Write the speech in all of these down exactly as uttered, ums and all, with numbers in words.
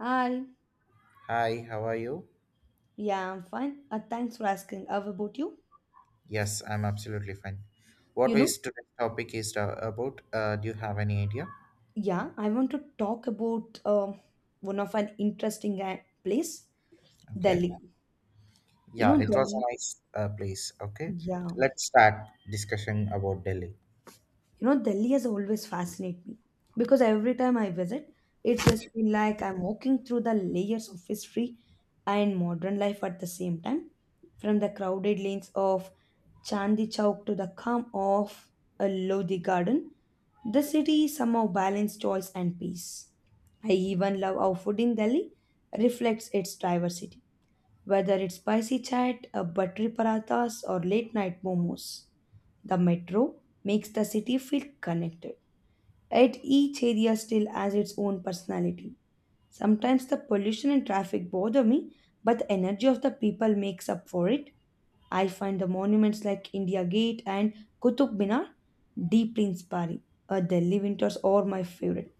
Hi. Hi, how are you? Yeah, I'm fine. Uh, thanks for asking. How about you? Yes, I'm absolutely fine. You What know, is today's topic is uh, about? Uh, do you have any idea? yeah, I want to talk about um one of an interesting uh, place, Okay. Delhi. You know, Yeah, it was a Delhi. nice uh, place. Okay. Yeah. Let's start discussion about Delhi. You know, Delhi has always fascinated me because every time I visit, it's just been like I'm walking through the layers of history and modern life at the same time, from the crowded lanes of Chandni Chowk to the calm of a Lodi Garden. The city somehow balanced choice and peace. I even love how food in Delhi reflects its diversity whether it's spicy chat, uh, buttery parathas, or late night momos, the metro makes the city feel connected. Yet each area still has its own personality. Sometimes the pollution and traffic bother me, but the energy of the people makes up for it. I find the monuments like India Gate and Qutub Minar deeply inspiring. Uh, Delhi winters are my favorite,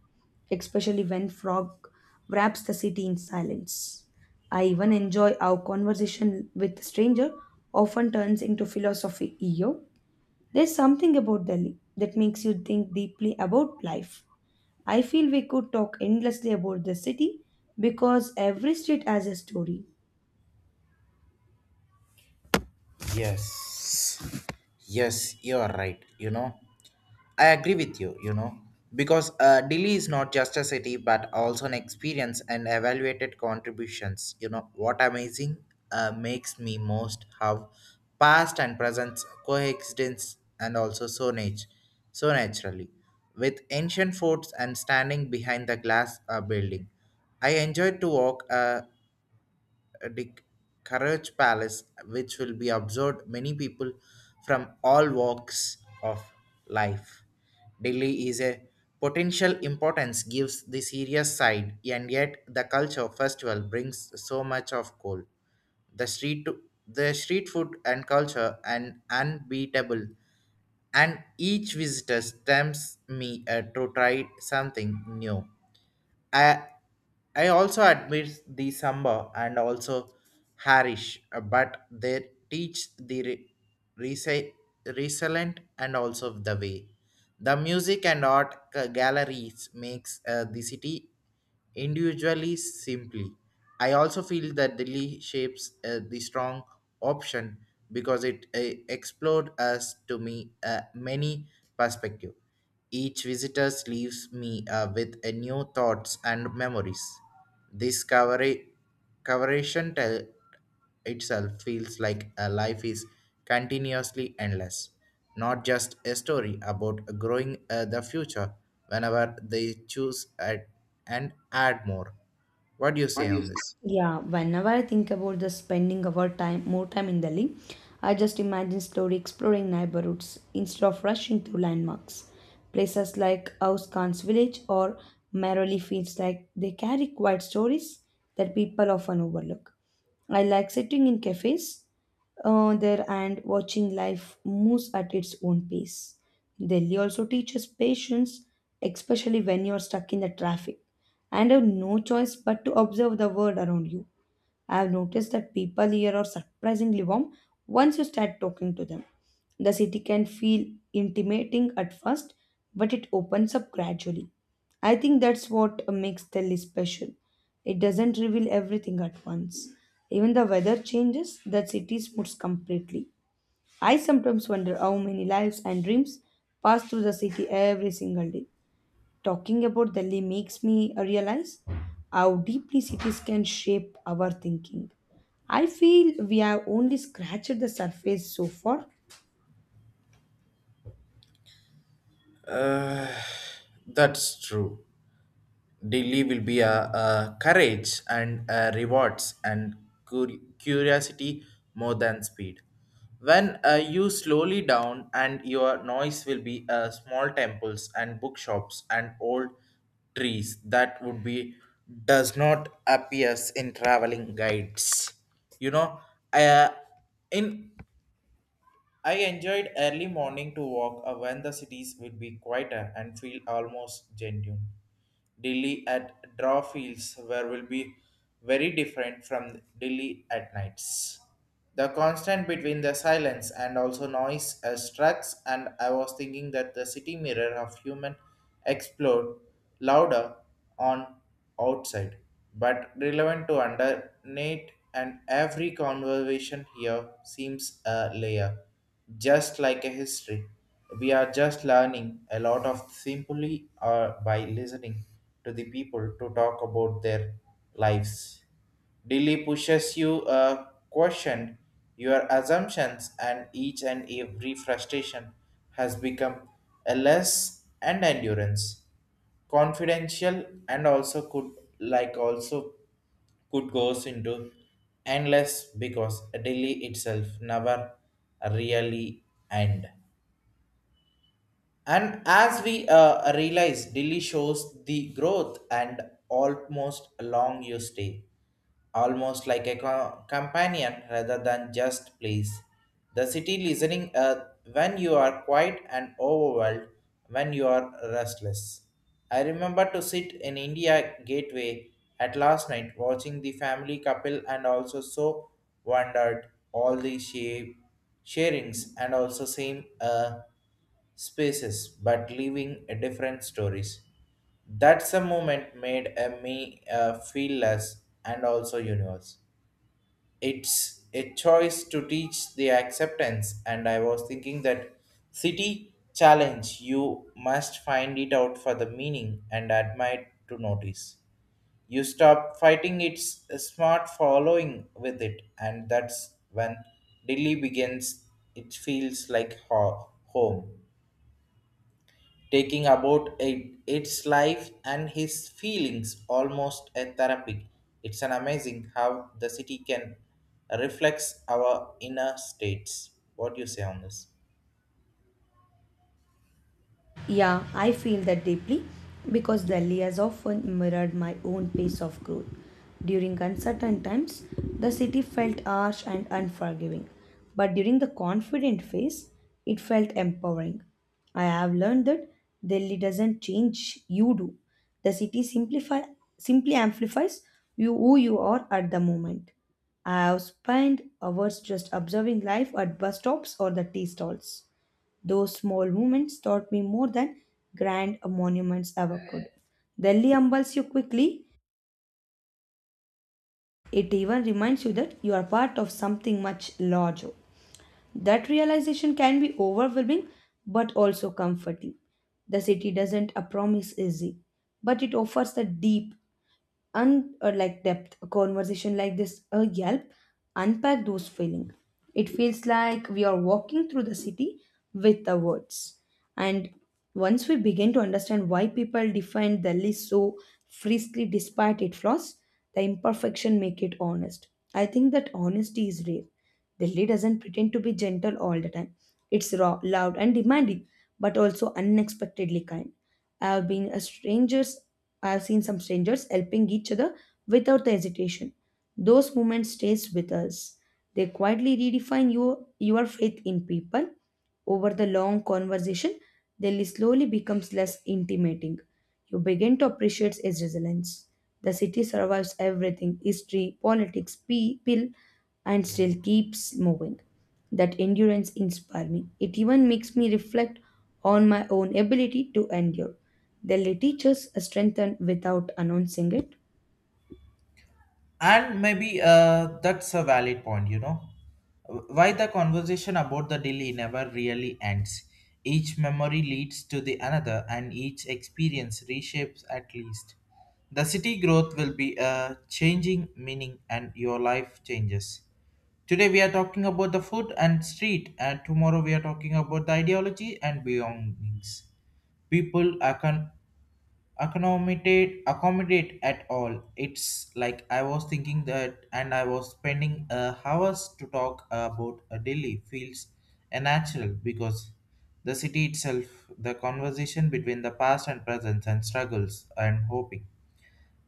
especially when fog wraps the city in silence. I even enjoy how conversation with stranger often turns into philosophy. Yo, there's something about Delhi that makes you think deeply about life. I feel we could talk endlessly about the city because every street has a story. Yes. Yes, you are right. You know, I agree with you, you know, because uh, Delhi is not just a city but also an experience and evaluated contributions. You know, what amazing uh, makes me most how past and present coexistence and also so, nat- so naturally. With ancient forts and standing behind the glass uh, building, I enjoyed to walk uh, the Courage Palace, which will be observed many people from all walks of life. Delhi is a potential importance gives the serious side, and yet the culture festival brings so much of coal. The street, the street food and culture and unbeatable, and each visitor tempts me uh, to try something new. I I also admit the samba and also Harish, uh, but they teach the re- resi- resilient and also the way. The music and art ca- galleries makes uh, the city individually simply. I also feel that Delhi shapes uh, the strong option because it uh, explored us to me uh, many perspective. Each visitor leaves me uh, with a new thoughts and memories. This coverage coverage tell itself feels like a life is continuously endless, not just a story about growing uh, the future whenever they choose add, and add more. What do you What say do you on think? this? Yeah, whenever I think about the spending of our time, more time in Delhi, I just imagine slowly exploring neighborhoods instead of rushing through landmarks. Places like House Khan's village or Merrily feels like they carry quiet stories that people often overlook. I like sitting in cafes uh, there and watching life moves at its own pace. Delhi also teaches patience, especially when you're stuck in the traffic and have no choice but to observe the world around you. I've noticed that people here are surprisingly warm once you start talking to them. The city can feel intimidating at first, but it opens up gradually. I think that's what makes Delhi special. It doesn't reveal everything at once. Even the weather changes, the city smooths completely. I sometimes wonder how many lives and dreams pass through the city every single day. Talking about Delhi makes me realize how deeply cities can shape our thinking. I feel we have only scratched the surface so far. Uh, that's true. Delhi will be a, a courage and uh rewards and cur- curiosity more than speed. When uh, you slowly down and your noise will be uh, small temples and bookshops and old trees that would be does not appears in traveling guides. You know, uh, in I enjoyed early morning to walk uh, when the cities would be quieter and feel almost genuine. Delhi at draw fields where will be very different from Delhi at nights. The constant between the silence and also noise uh, strucks and I was thinking that the city mirror of human explode louder on outside, but relevant to underneath and every conversation here seems a layer just like a history. We are just learning a lot of simply uh, by listening to the people to talk about their lives. Daily pushes you uh, question your assumptions and each and every frustration has become a less and endurance confidential and also could like also could goes into endless because daily itself never really end. And as we uh, realize, Delhi shows the growth and almost along your stay, almost like a co- companion rather than just place. The city listening uh, when you are quiet and overwhelmed, when you are restless. I remember to sit in India Gateway at last night watching the family couple and also so wondered all the shape sharings and also same. Uh, spaces but leaving a different stories. That's a moment made a me uh, feel less and also universe. It's a choice to teach the acceptance and I was thinking that city challenge you must find it out for the meaning and admire to notice. You stop fighting its smart following with it and that's when Delhi begins it feels like ho- home taking about it, its life and his feelings almost a therapy. It's an amazing how the city can reflects our inner states. What do you say on this? Yeah, I feel that deeply because Delhi has often mirrored my own pace of growth. During uncertain times, the city felt harsh and unforgiving, but during the confident phase, it felt empowering. I have learned that Delhi doesn't change you do. The city simplify simply amplifies you who you are at the moment. I have spent hours just observing life at bus stops or the tea stalls. Those small moments taught me more than grand monuments ever could. Delhi humbles you quickly, it even reminds you that you are part of something much larger. That realization can be overwhelming but also comforting. The city doesn't uh, promise easy, but it offers a deep un or like depth a conversation like this a yelp unpack those feelings. It feels like we are walking through the city with the words, and once we begin to understand why people define Delhi so freely despite its flaws, the imperfection make it honest. I think that honesty is rare. Delhi doesn't pretend to be gentle all the time. It's raw, loud and demanding, but also unexpectedly kind. I've been a strangers. I've seen some strangers helping each other without the hesitation. Those moments stays with us. They quietly redefine your your faith in people. Over the long conversation, they slowly becomes less intimating. You begin to appreciate its resilience. The city survives everything: history, politics, people, and still keeps moving. That endurance inspires me. It even makes me reflect on my own ability to endure. The lay teachers strengthen without announcing it. And maybe uh, that's a valid point, you know, why the conversation about the delay never really ends. Each memory leads to the another and each experience reshapes at least the city growth will be a changing meaning and your life changes. Today we are talking about the food and street and tomorrow we are talking about the ideology and belongings. People are con- accommodate accommodate at all. It's like I was thinking that and I was spending uh, hours to talk about a Delhi feels unnatural because the city itself the conversation between the past and present and struggles and hoping.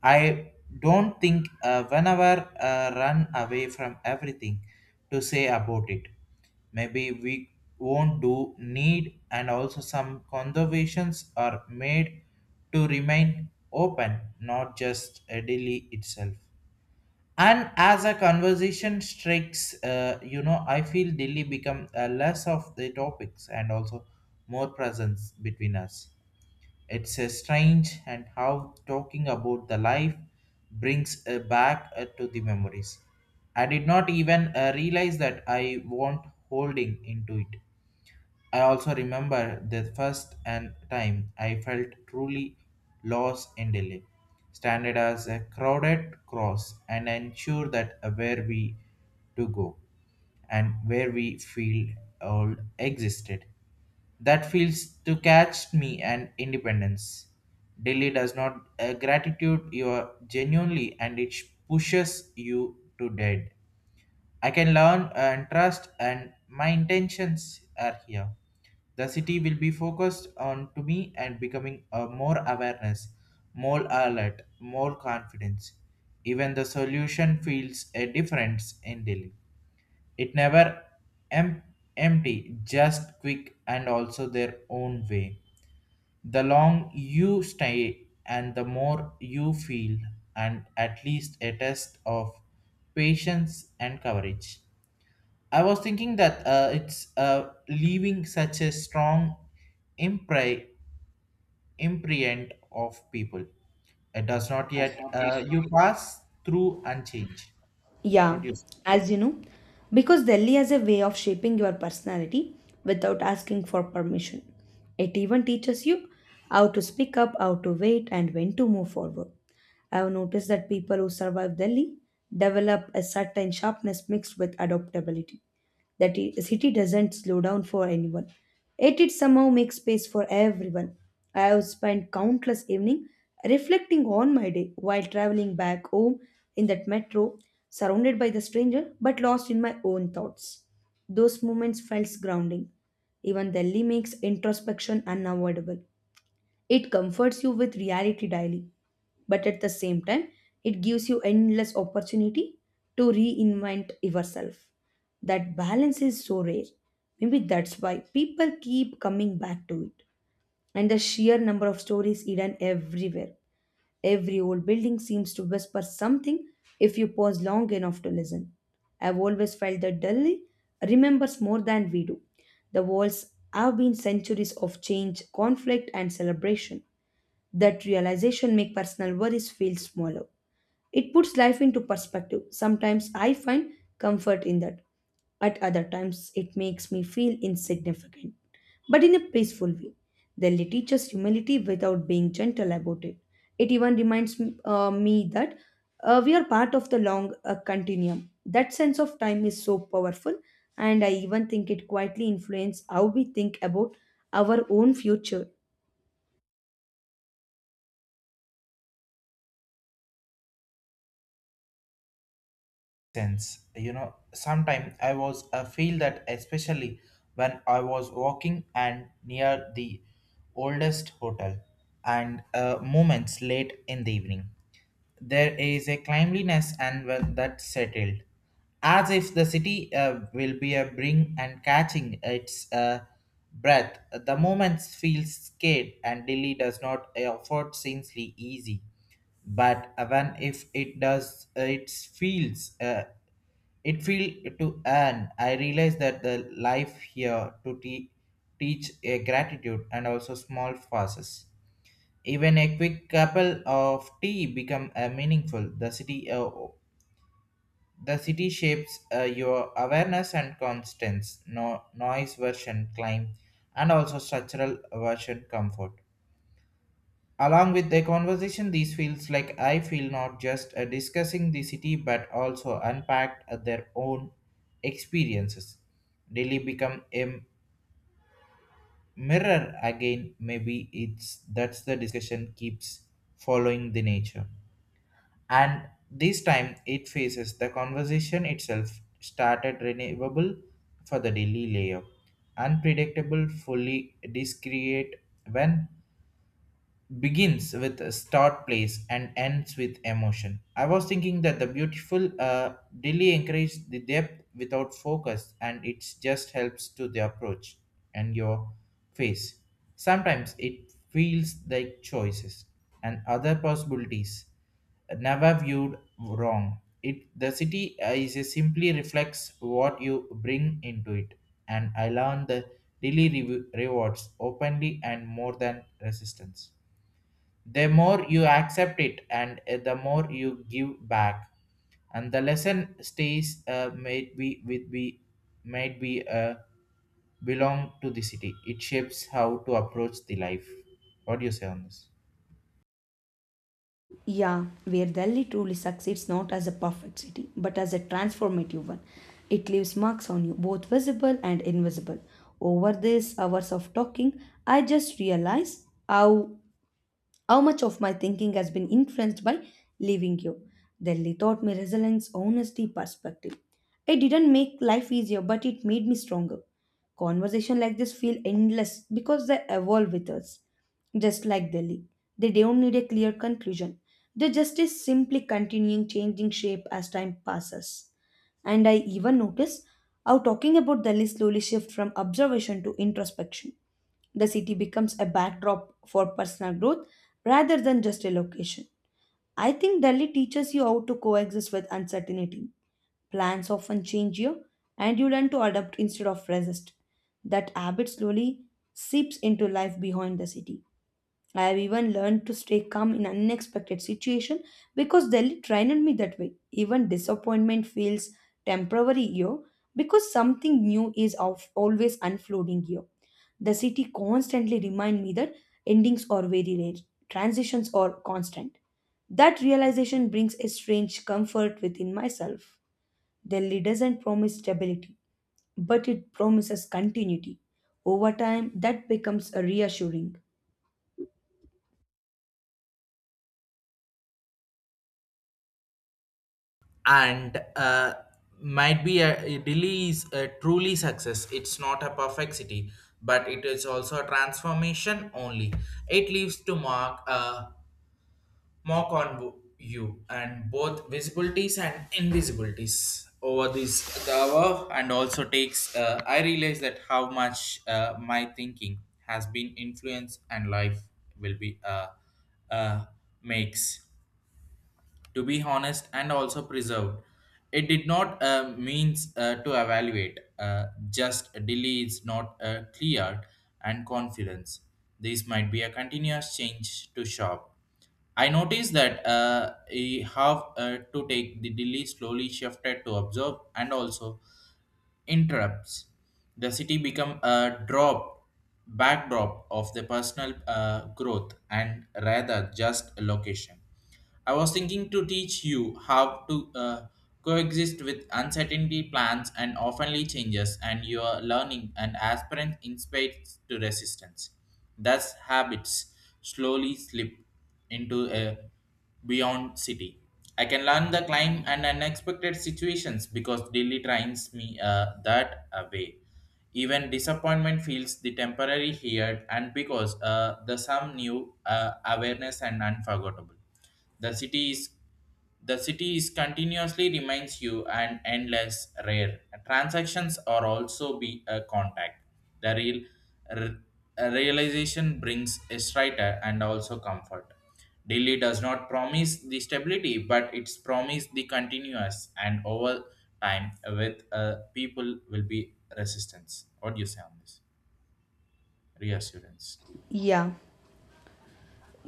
I don't think uh, whenever uh, run away from everything to say about it. Maybe we won't do need and also some conservations are made to remain open, not just a Delhi itself. And as a conversation strikes, uh, you know, I feel Delhi become uh, less of the topics and also more presence between us. It's uh, strange and how talking about the life brings uh, back uh, to the memories. I did not even uh, realize that I want holding into it. I also remember the first and time I felt truly lost in Delhi, standing as a crowded cross and ensure that where we to go and where we feel all existed. That feels to catch me and independence. Delhi does not uh, gratitude you genuinely and it pushes you to dead. I can learn and trust and my intentions are here. The city will be focused on to me and becoming a more awareness, more alert, more confidence. Even the solution feels a difference in Delhi. It never em- empty, just quick and also their own way. The long you stay and the more you feel and at least a test of patience and courage. I was thinking that uh, it's uh, leaving such a strong impre- imprint of people. It does not yet uh, you pass through and change. What Yeah, do you say? as you know, because Delhi has a way of shaping your personality without asking for permission. It even teaches you how to speak up, how to wait, and when to move forward. I've noticed that people who survive Delhi develop a certain sharpness mixed with adaptability. That i- city doesn't slow down for anyone. Yet it somehow makes space for everyone. I have spent countless evening reflecting on my day while traveling back home in that metro, surrounded by the stranger but lost in my own thoughts. Those moments felt grounding. Even Delhi makes introspection unavoidable. It comforts you with reality daily, but at the same time, it gives you endless opportunity to reinvent yourself. That balance is so rare. Maybe that's why people keep coming back to it. And the sheer number of stories hidden everywhere. Every old building seems to whisper something if you pause long enough to listen. I've always felt that Delhi remembers more than we do. The walls have been centuries of change, conflict, and celebration. That realization makes personal worries feel smaller. It puts life into perspective. Sometimes I find comfort in that. At other times, it makes me feel insignificant, but in a peaceful way. The Lily teaches humility without being gentle about it. It even reminds me, uh, me that uh, we are part of the long uh, continuum. That sense of time is so powerful, and I even think it quietly influences how we think about our own future. Sense, you know, sometimes I was uh, feel that, especially when I was walking and near the oldest hotel and uh, moments late in the evening, there is a cleanliness and, well, that settled as if the city uh, will be a bring and catching its uh, breath. The moments feel scared and Delhi does not afford seemingly easy, but even if it does uh, it feels uh, it feel to earn. I realize that the life here to te- teach a gratitude and also small passes, even a quick cup of tea become uh, meaningful. The city uh, the city shapes uh, your awareness and constance no noise version climb and also structural version comfort. Along with the conversation, these feels like I feel not just uh, discussing the city but also unpacked uh, their own experiences. Daily become a mirror again. Maybe it's that's the discussion keeps following the nature. And this time it faces the conversation itself started renewable for the daily layer, unpredictable, fully discreate when begins with a start place and ends with emotion. I was thinking that the beautiful uh, delay encourages the depth without focus and it just helps to the approach and your face. Sometimes it feels like choices and other possibilities never viewed wrong. It the city uh, is a simply reflects what you bring into it, and I learned the daily rew- rewards openly and more than resistance. The more you accept it and uh, the more you give back and the lesson stays uh, might be with be might be uh, belong to the city. It shapes how to approach the life. What do you say on this? Yeah, where Delhi truly succeeds not as a perfect city, but as a transformative one. It leaves marks on you, both visible and invisible. Over these hours of talking, I just realized how how much of my thinking has been influenced by leaving you? Delhi taught me resilience, honesty, perspective. It didn't make life easier, but it made me stronger. Conversation like this feel endless because they evolve with us. Just like Delhi. They don't need a clear conclusion. They just is simply continuing changing shape as time passes. And I even notice how talking about Delhi slowly shifts from observation to introspection. The city becomes a backdrop for personal growth rather than just a location. I think Delhi teaches you how to coexist with uncertainty. Plans often change you, and you learn to adapt instead of resist. That habit slowly seeps into life behind the city. I have even learned to stay calm in unexpected situation because Delhi trained me that way. Even disappointment feels temporary here because something new is of always unfolding here. The city constantly remind me that endings are very rare, transitions are constant. That realization brings a strange comfort within myself. Delhi doesn't promise stability, but it promises continuity. Over time, that becomes reassuring. And uh, might be a it really is a truly success. It's not a perfect city, but it is also a transformation only. It leaves to mark uh, mock on you and both visibilities and invisibilities over this hour and also takes uh, I realize that how much uh, my thinking has been influenced and life will be uh, uh, makes to be honest and also preserved. It did not uh, means uh, to evaluate, uh, just delay is not uh, cleared and confidence. This might be a continuous change to shop. I noticed that uh, I have uh, to take the delay slowly shifted to observe and also interrupts. The city become a drop backdrop of the personal uh, growth and rather just a location. I was thinking to teach you how to uh, coexist with uncertainty plans and oftenly changes and your learning and aspirant inspires to resistance. Thus habits slowly slip into a beyond city. I can learn the climb and unexpected situations because daily trains me uh, that away. Even disappointment feels the temporary here, and because uh, the some new uh, awareness and unforgettable. The city is the city is continuously reminds you and endless rare. Transactions are also be a contact. The real r- realization brings a strider and also comfort. Delhi does not promise the stability, but it's promised the continuous and over time with uh, people will be resistance. What do you say on this? Reassurance. Yeah.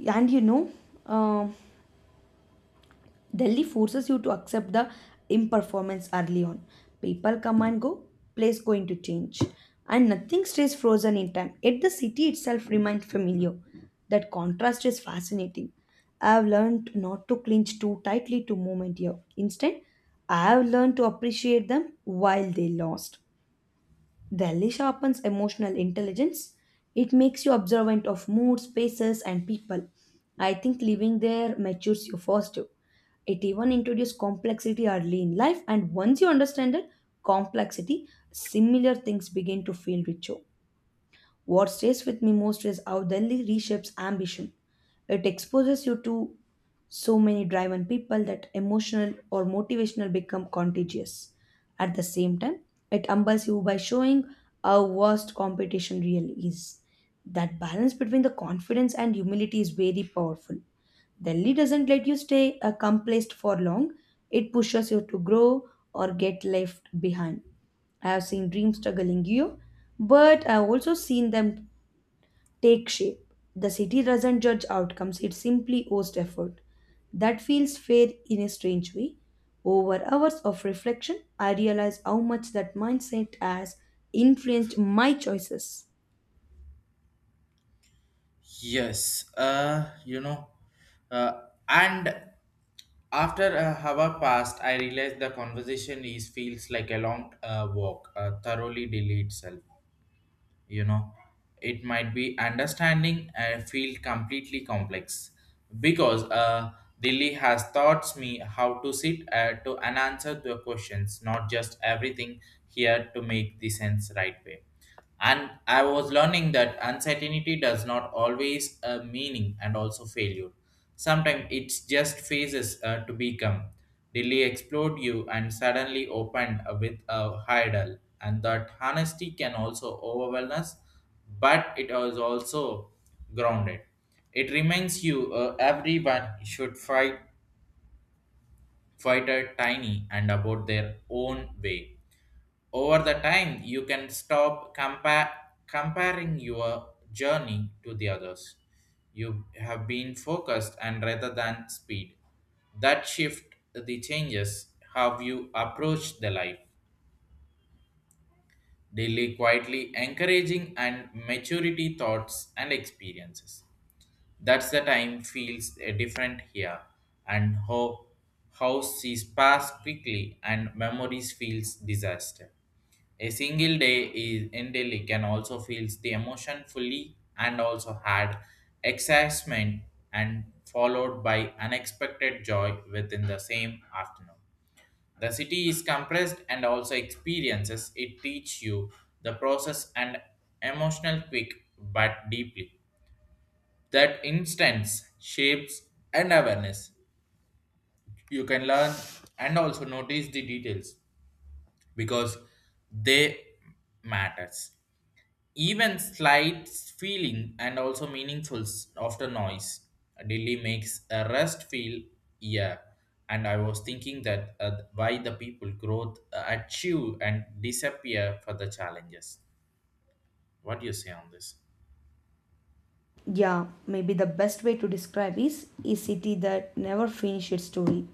And you know, um Delhi forces you to accept the imperformance early on. People come and go, place going to change, and nothing stays frozen in time. Yet the city itself remains familiar. That contrast is fascinating. I have learned not to clinch too tightly to moment here. Instead, I have learned to appreciate them while they last. Delhi sharpens emotional intelligence. It makes you observant of moods, spaces, and people. I think living there matures you faster. It even introduces complexity early in life, and once you understand it, complexity, similar things begin to feel richer. What stays with me most is how Delhi reshapes ambition. It exposes you to so many driven people that emotional or motivational become contagious. At the same time, it humbles you by showing how vast competition really is. That balance between the confidence and humility is very powerful. Delhi doesn't let you stay uh, complacent for long. It pushes you to grow or get left behind. I have seen dreams struggling you, but I've also seen them take shape. The city doesn't judge outcomes, it simply owes effort. That feels fair in a strange way. Over hours of reflection, I realized how much that mindset has influenced my choices. Yes, uh, you know, uh, and after a hour passed, I realized the conversation is feels like a long uh, walk, uh, thoroughly delayed itself, you know, it might be understanding and feel completely complex because uh, Delhi has taught me how to sit uh, to and answer the questions, not just everything here to make the sense right way. And I was learning that uncertainty does not always uh, meaning and also failure. Sometimes it's just phases uh, to become. Dilly explored you and suddenly opened with a hurdle, and that honesty can also overwhelm us, but it is also grounded. It reminds you uh, everyone should fight, fight a tiny and about their own way over the time, you can stop compa- comparing your journey to the others. You have been focused and rather than speed. That shift the changes how you approach the life. Daily quietly encouraging and maturity thoughts and experiences. That's the time feels uh, different here and how how sees pass quickly and memories feels disaster. A single day is in Delhi can also feels the emotion fully and also had excitement and followed by unexpected joy within the same afternoon. The city is compressed and also experiences it teach you the process and emotional quick but deeply. That instance shapes and awareness. You can learn and also notice the details because they matters. Even slight feeling and also meaningful s- after noise. Delhi makes a rest feel, yeah. And I was thinking that uh, why the people growth uh, achieve and disappear for the challenges. What do you say on this? Yeah, maybe the best way to describe is a city that never finished its story.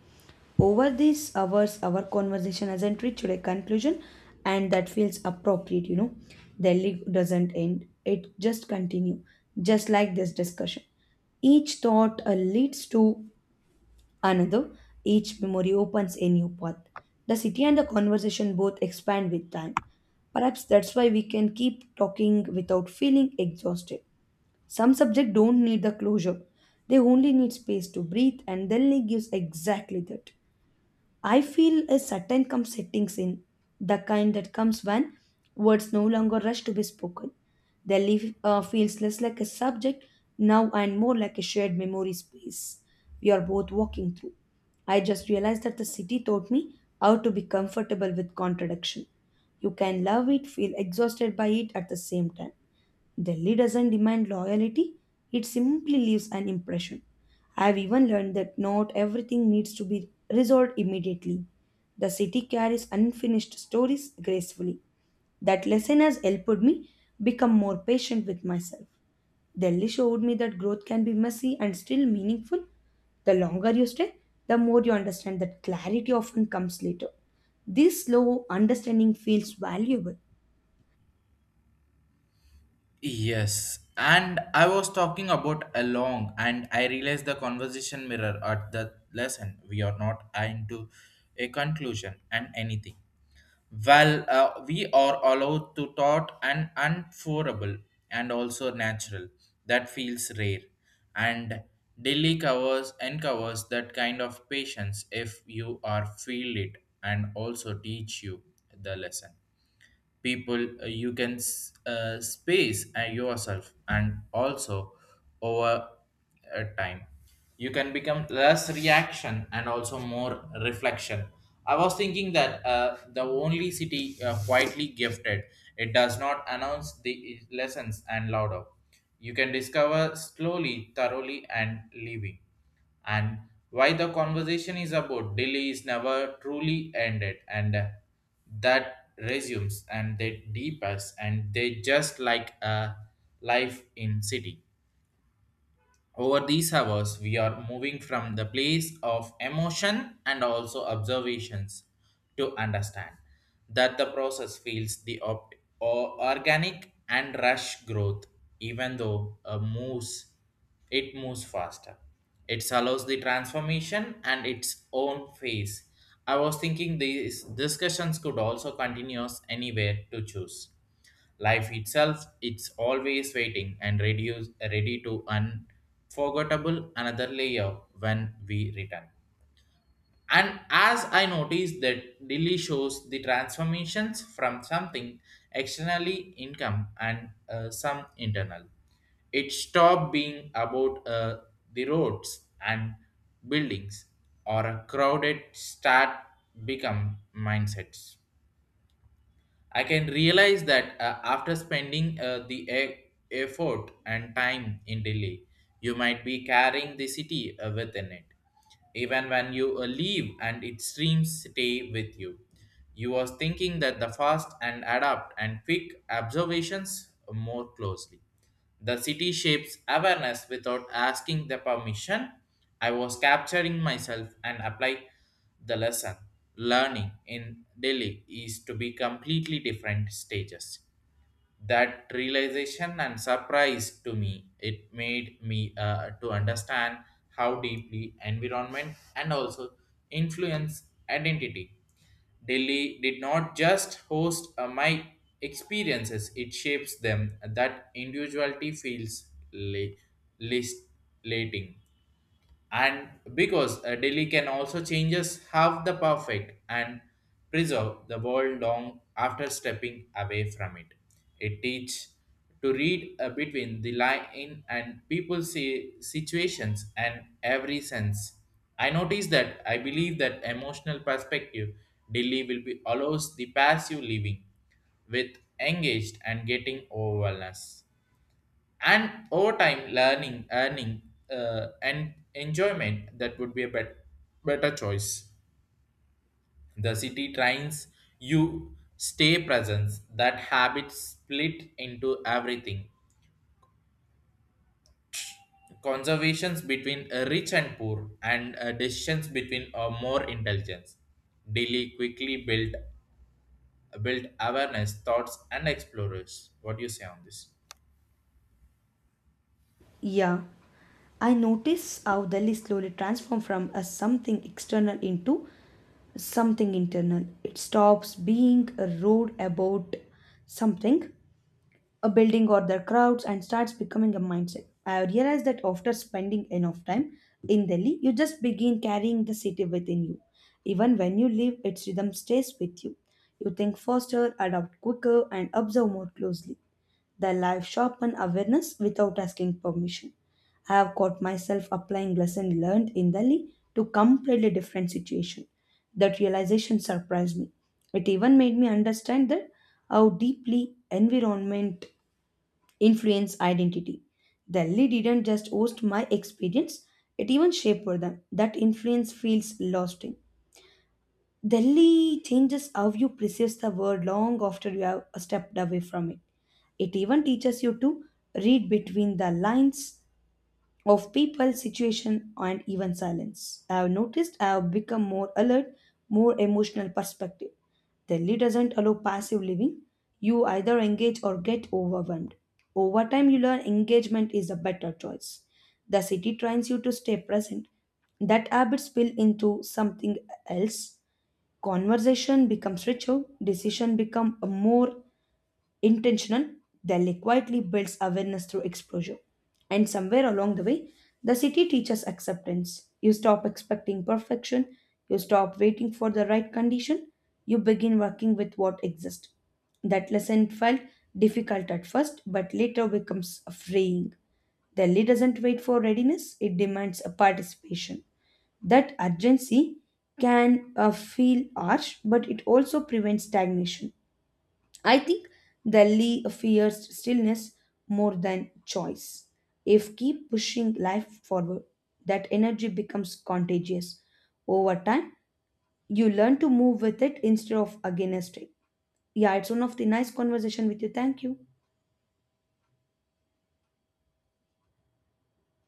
Over these hours, our conversation hasn't reached a conclusion, and that feels appropriate, you know. Delhi doesn't end, it just continues, just like this discussion. Each thought uh, leads to another, each memory opens a new path. The city and the conversation both expand with time. Perhaps that's why we can keep talking without feeling exhausted. Some subjects don't need the closure. They only need space to breathe, and Delhi gives exactly that. I feel a certain calm settings in, the kind that comes when words no longer rush to be spoken. Delhi uh, feels less like a subject now and more like a shared memory space we are both walking through. I just realized that the city taught me how to be comfortable with contradiction. You can love it, feel exhausted by it at the same time. Delhi doesn't demand loyalty, it simply leaves an impression. I've even learned that not everything needs to be resolved immediately. The city carries unfinished stories gracefully. That lesson has helped me become more patient with myself. Delhi showed me that growth can be messy and still meaningful. The longer you stay, the more you understand that clarity often comes later. This slow understanding feels valuable. Yes, and I was talking about along, and I realized the conversation mirror at the lesson. We are not into a conclusion and anything. Well, uh, we are allowed to thought and unforable and also natural. That feels rare, and daily covers uncovers that kind of patience if you are feel it and also teach you the lesson people uh, you can s- uh, space uh, yourself and also over uh, time you can become less reaction and also more reflection. I was thinking that uh, the only city uh, quietly gifted. It does not announce the uh, lessons and louder. You can discover slowly thoroughly and leaving, and why the conversation is about delay is never truly ended, and uh, that resumes and they deepens and they just like a life in city. Over these hours, we are moving from the place of emotion and also observations to understand that the process feels the op- or organic and rush growth, even though a moves, it moves faster. It allows the transformation and its own phase. I was thinking these discussions could also continue anywhere to choose. Life itself, it's always waiting and reduce, ready to unforgettable another layer when we return. And as I noticed that Delhi shows the transformations from something externally income and uh, some internal. It stopped being about uh, the roads and buildings or a crowded start become mindsets. I can realize that uh, after spending uh, the e- effort and time in Delhi, you might be carrying the city uh, within it. Even when you uh, leave and its streams stay with you. You was thinking that the fast and adapt and quick observations more closely. The city shapes awareness without asking the permission. I was capturing myself and apply the lesson. Learning in Delhi is to be completely different stages. That realization and surprise to me it made me uh, to understand how deeply environment and also influence identity. Delhi did not just host uh, my experiences it shapes them. That individuality feels le- least, and because uh, Delhi can also changes half the perfect and preserve the world long after stepping away from it. It teach to read uh, between the line and people see situations and every sense. I notice that I believe that emotional perspective Delhi will be allows the passive living with engaged and getting overwhelmed, and over time learning earning uh, and enjoyment that would be a bet- better choice. The city trains you stay presence that habit split into everything. Conservations between uh, rich and poor and uh, decisions between uh, more intelligence. Delhi quickly built built awareness thoughts and explorers. What do you say on this? Yeah. I notice how Delhi slowly transforms from a something external into something internal. It stops being a road about something, a building or their crowds, and starts becoming a mindset. I realized that after spending enough time in Delhi, you just begin carrying the city within you. Even when you leave, its rhythm stays with you. You think faster, adapt quicker, and observe more closely. Their life, sharpen awareness without asking permission. I have caught myself applying lesson learned in Delhi to completely different situation. That realization surprised me. It even made me understand that how deeply environment influence identity. Delhi didn't just host my experience, it even shaped them. That influence feels lasting. Delhi changes how you perceive the world long after you have stepped away from it. It even teaches you to read between the lines of people, situation, and even silence. I have noticed I have become more alert, more emotional perspective. Delhi doesn't allow passive living. You either engage or get overwhelmed. Over time, you learn engagement is a better choice. The city trains you to stay present. That habit spill into something else. Conversation becomes richer, decision become more intentional. Delhi quietly builds awareness through exposure. And somewhere along the way, the city teaches acceptance. You stop expecting perfection, you stop waiting for the right condition, you begin working with what exists. That lesson felt difficult at first, but later becomes freeing. Delhi doesn't wait for readiness, it demands a participation. That urgency can uh, feel harsh, but it also prevents stagnation. I think Delhi fears stillness more than choice. If keep pushing life forward, that energy becomes contagious. Over time, you learn to move with it instead of against it. Yeah, it's one of the nice conversation with you. Thank you.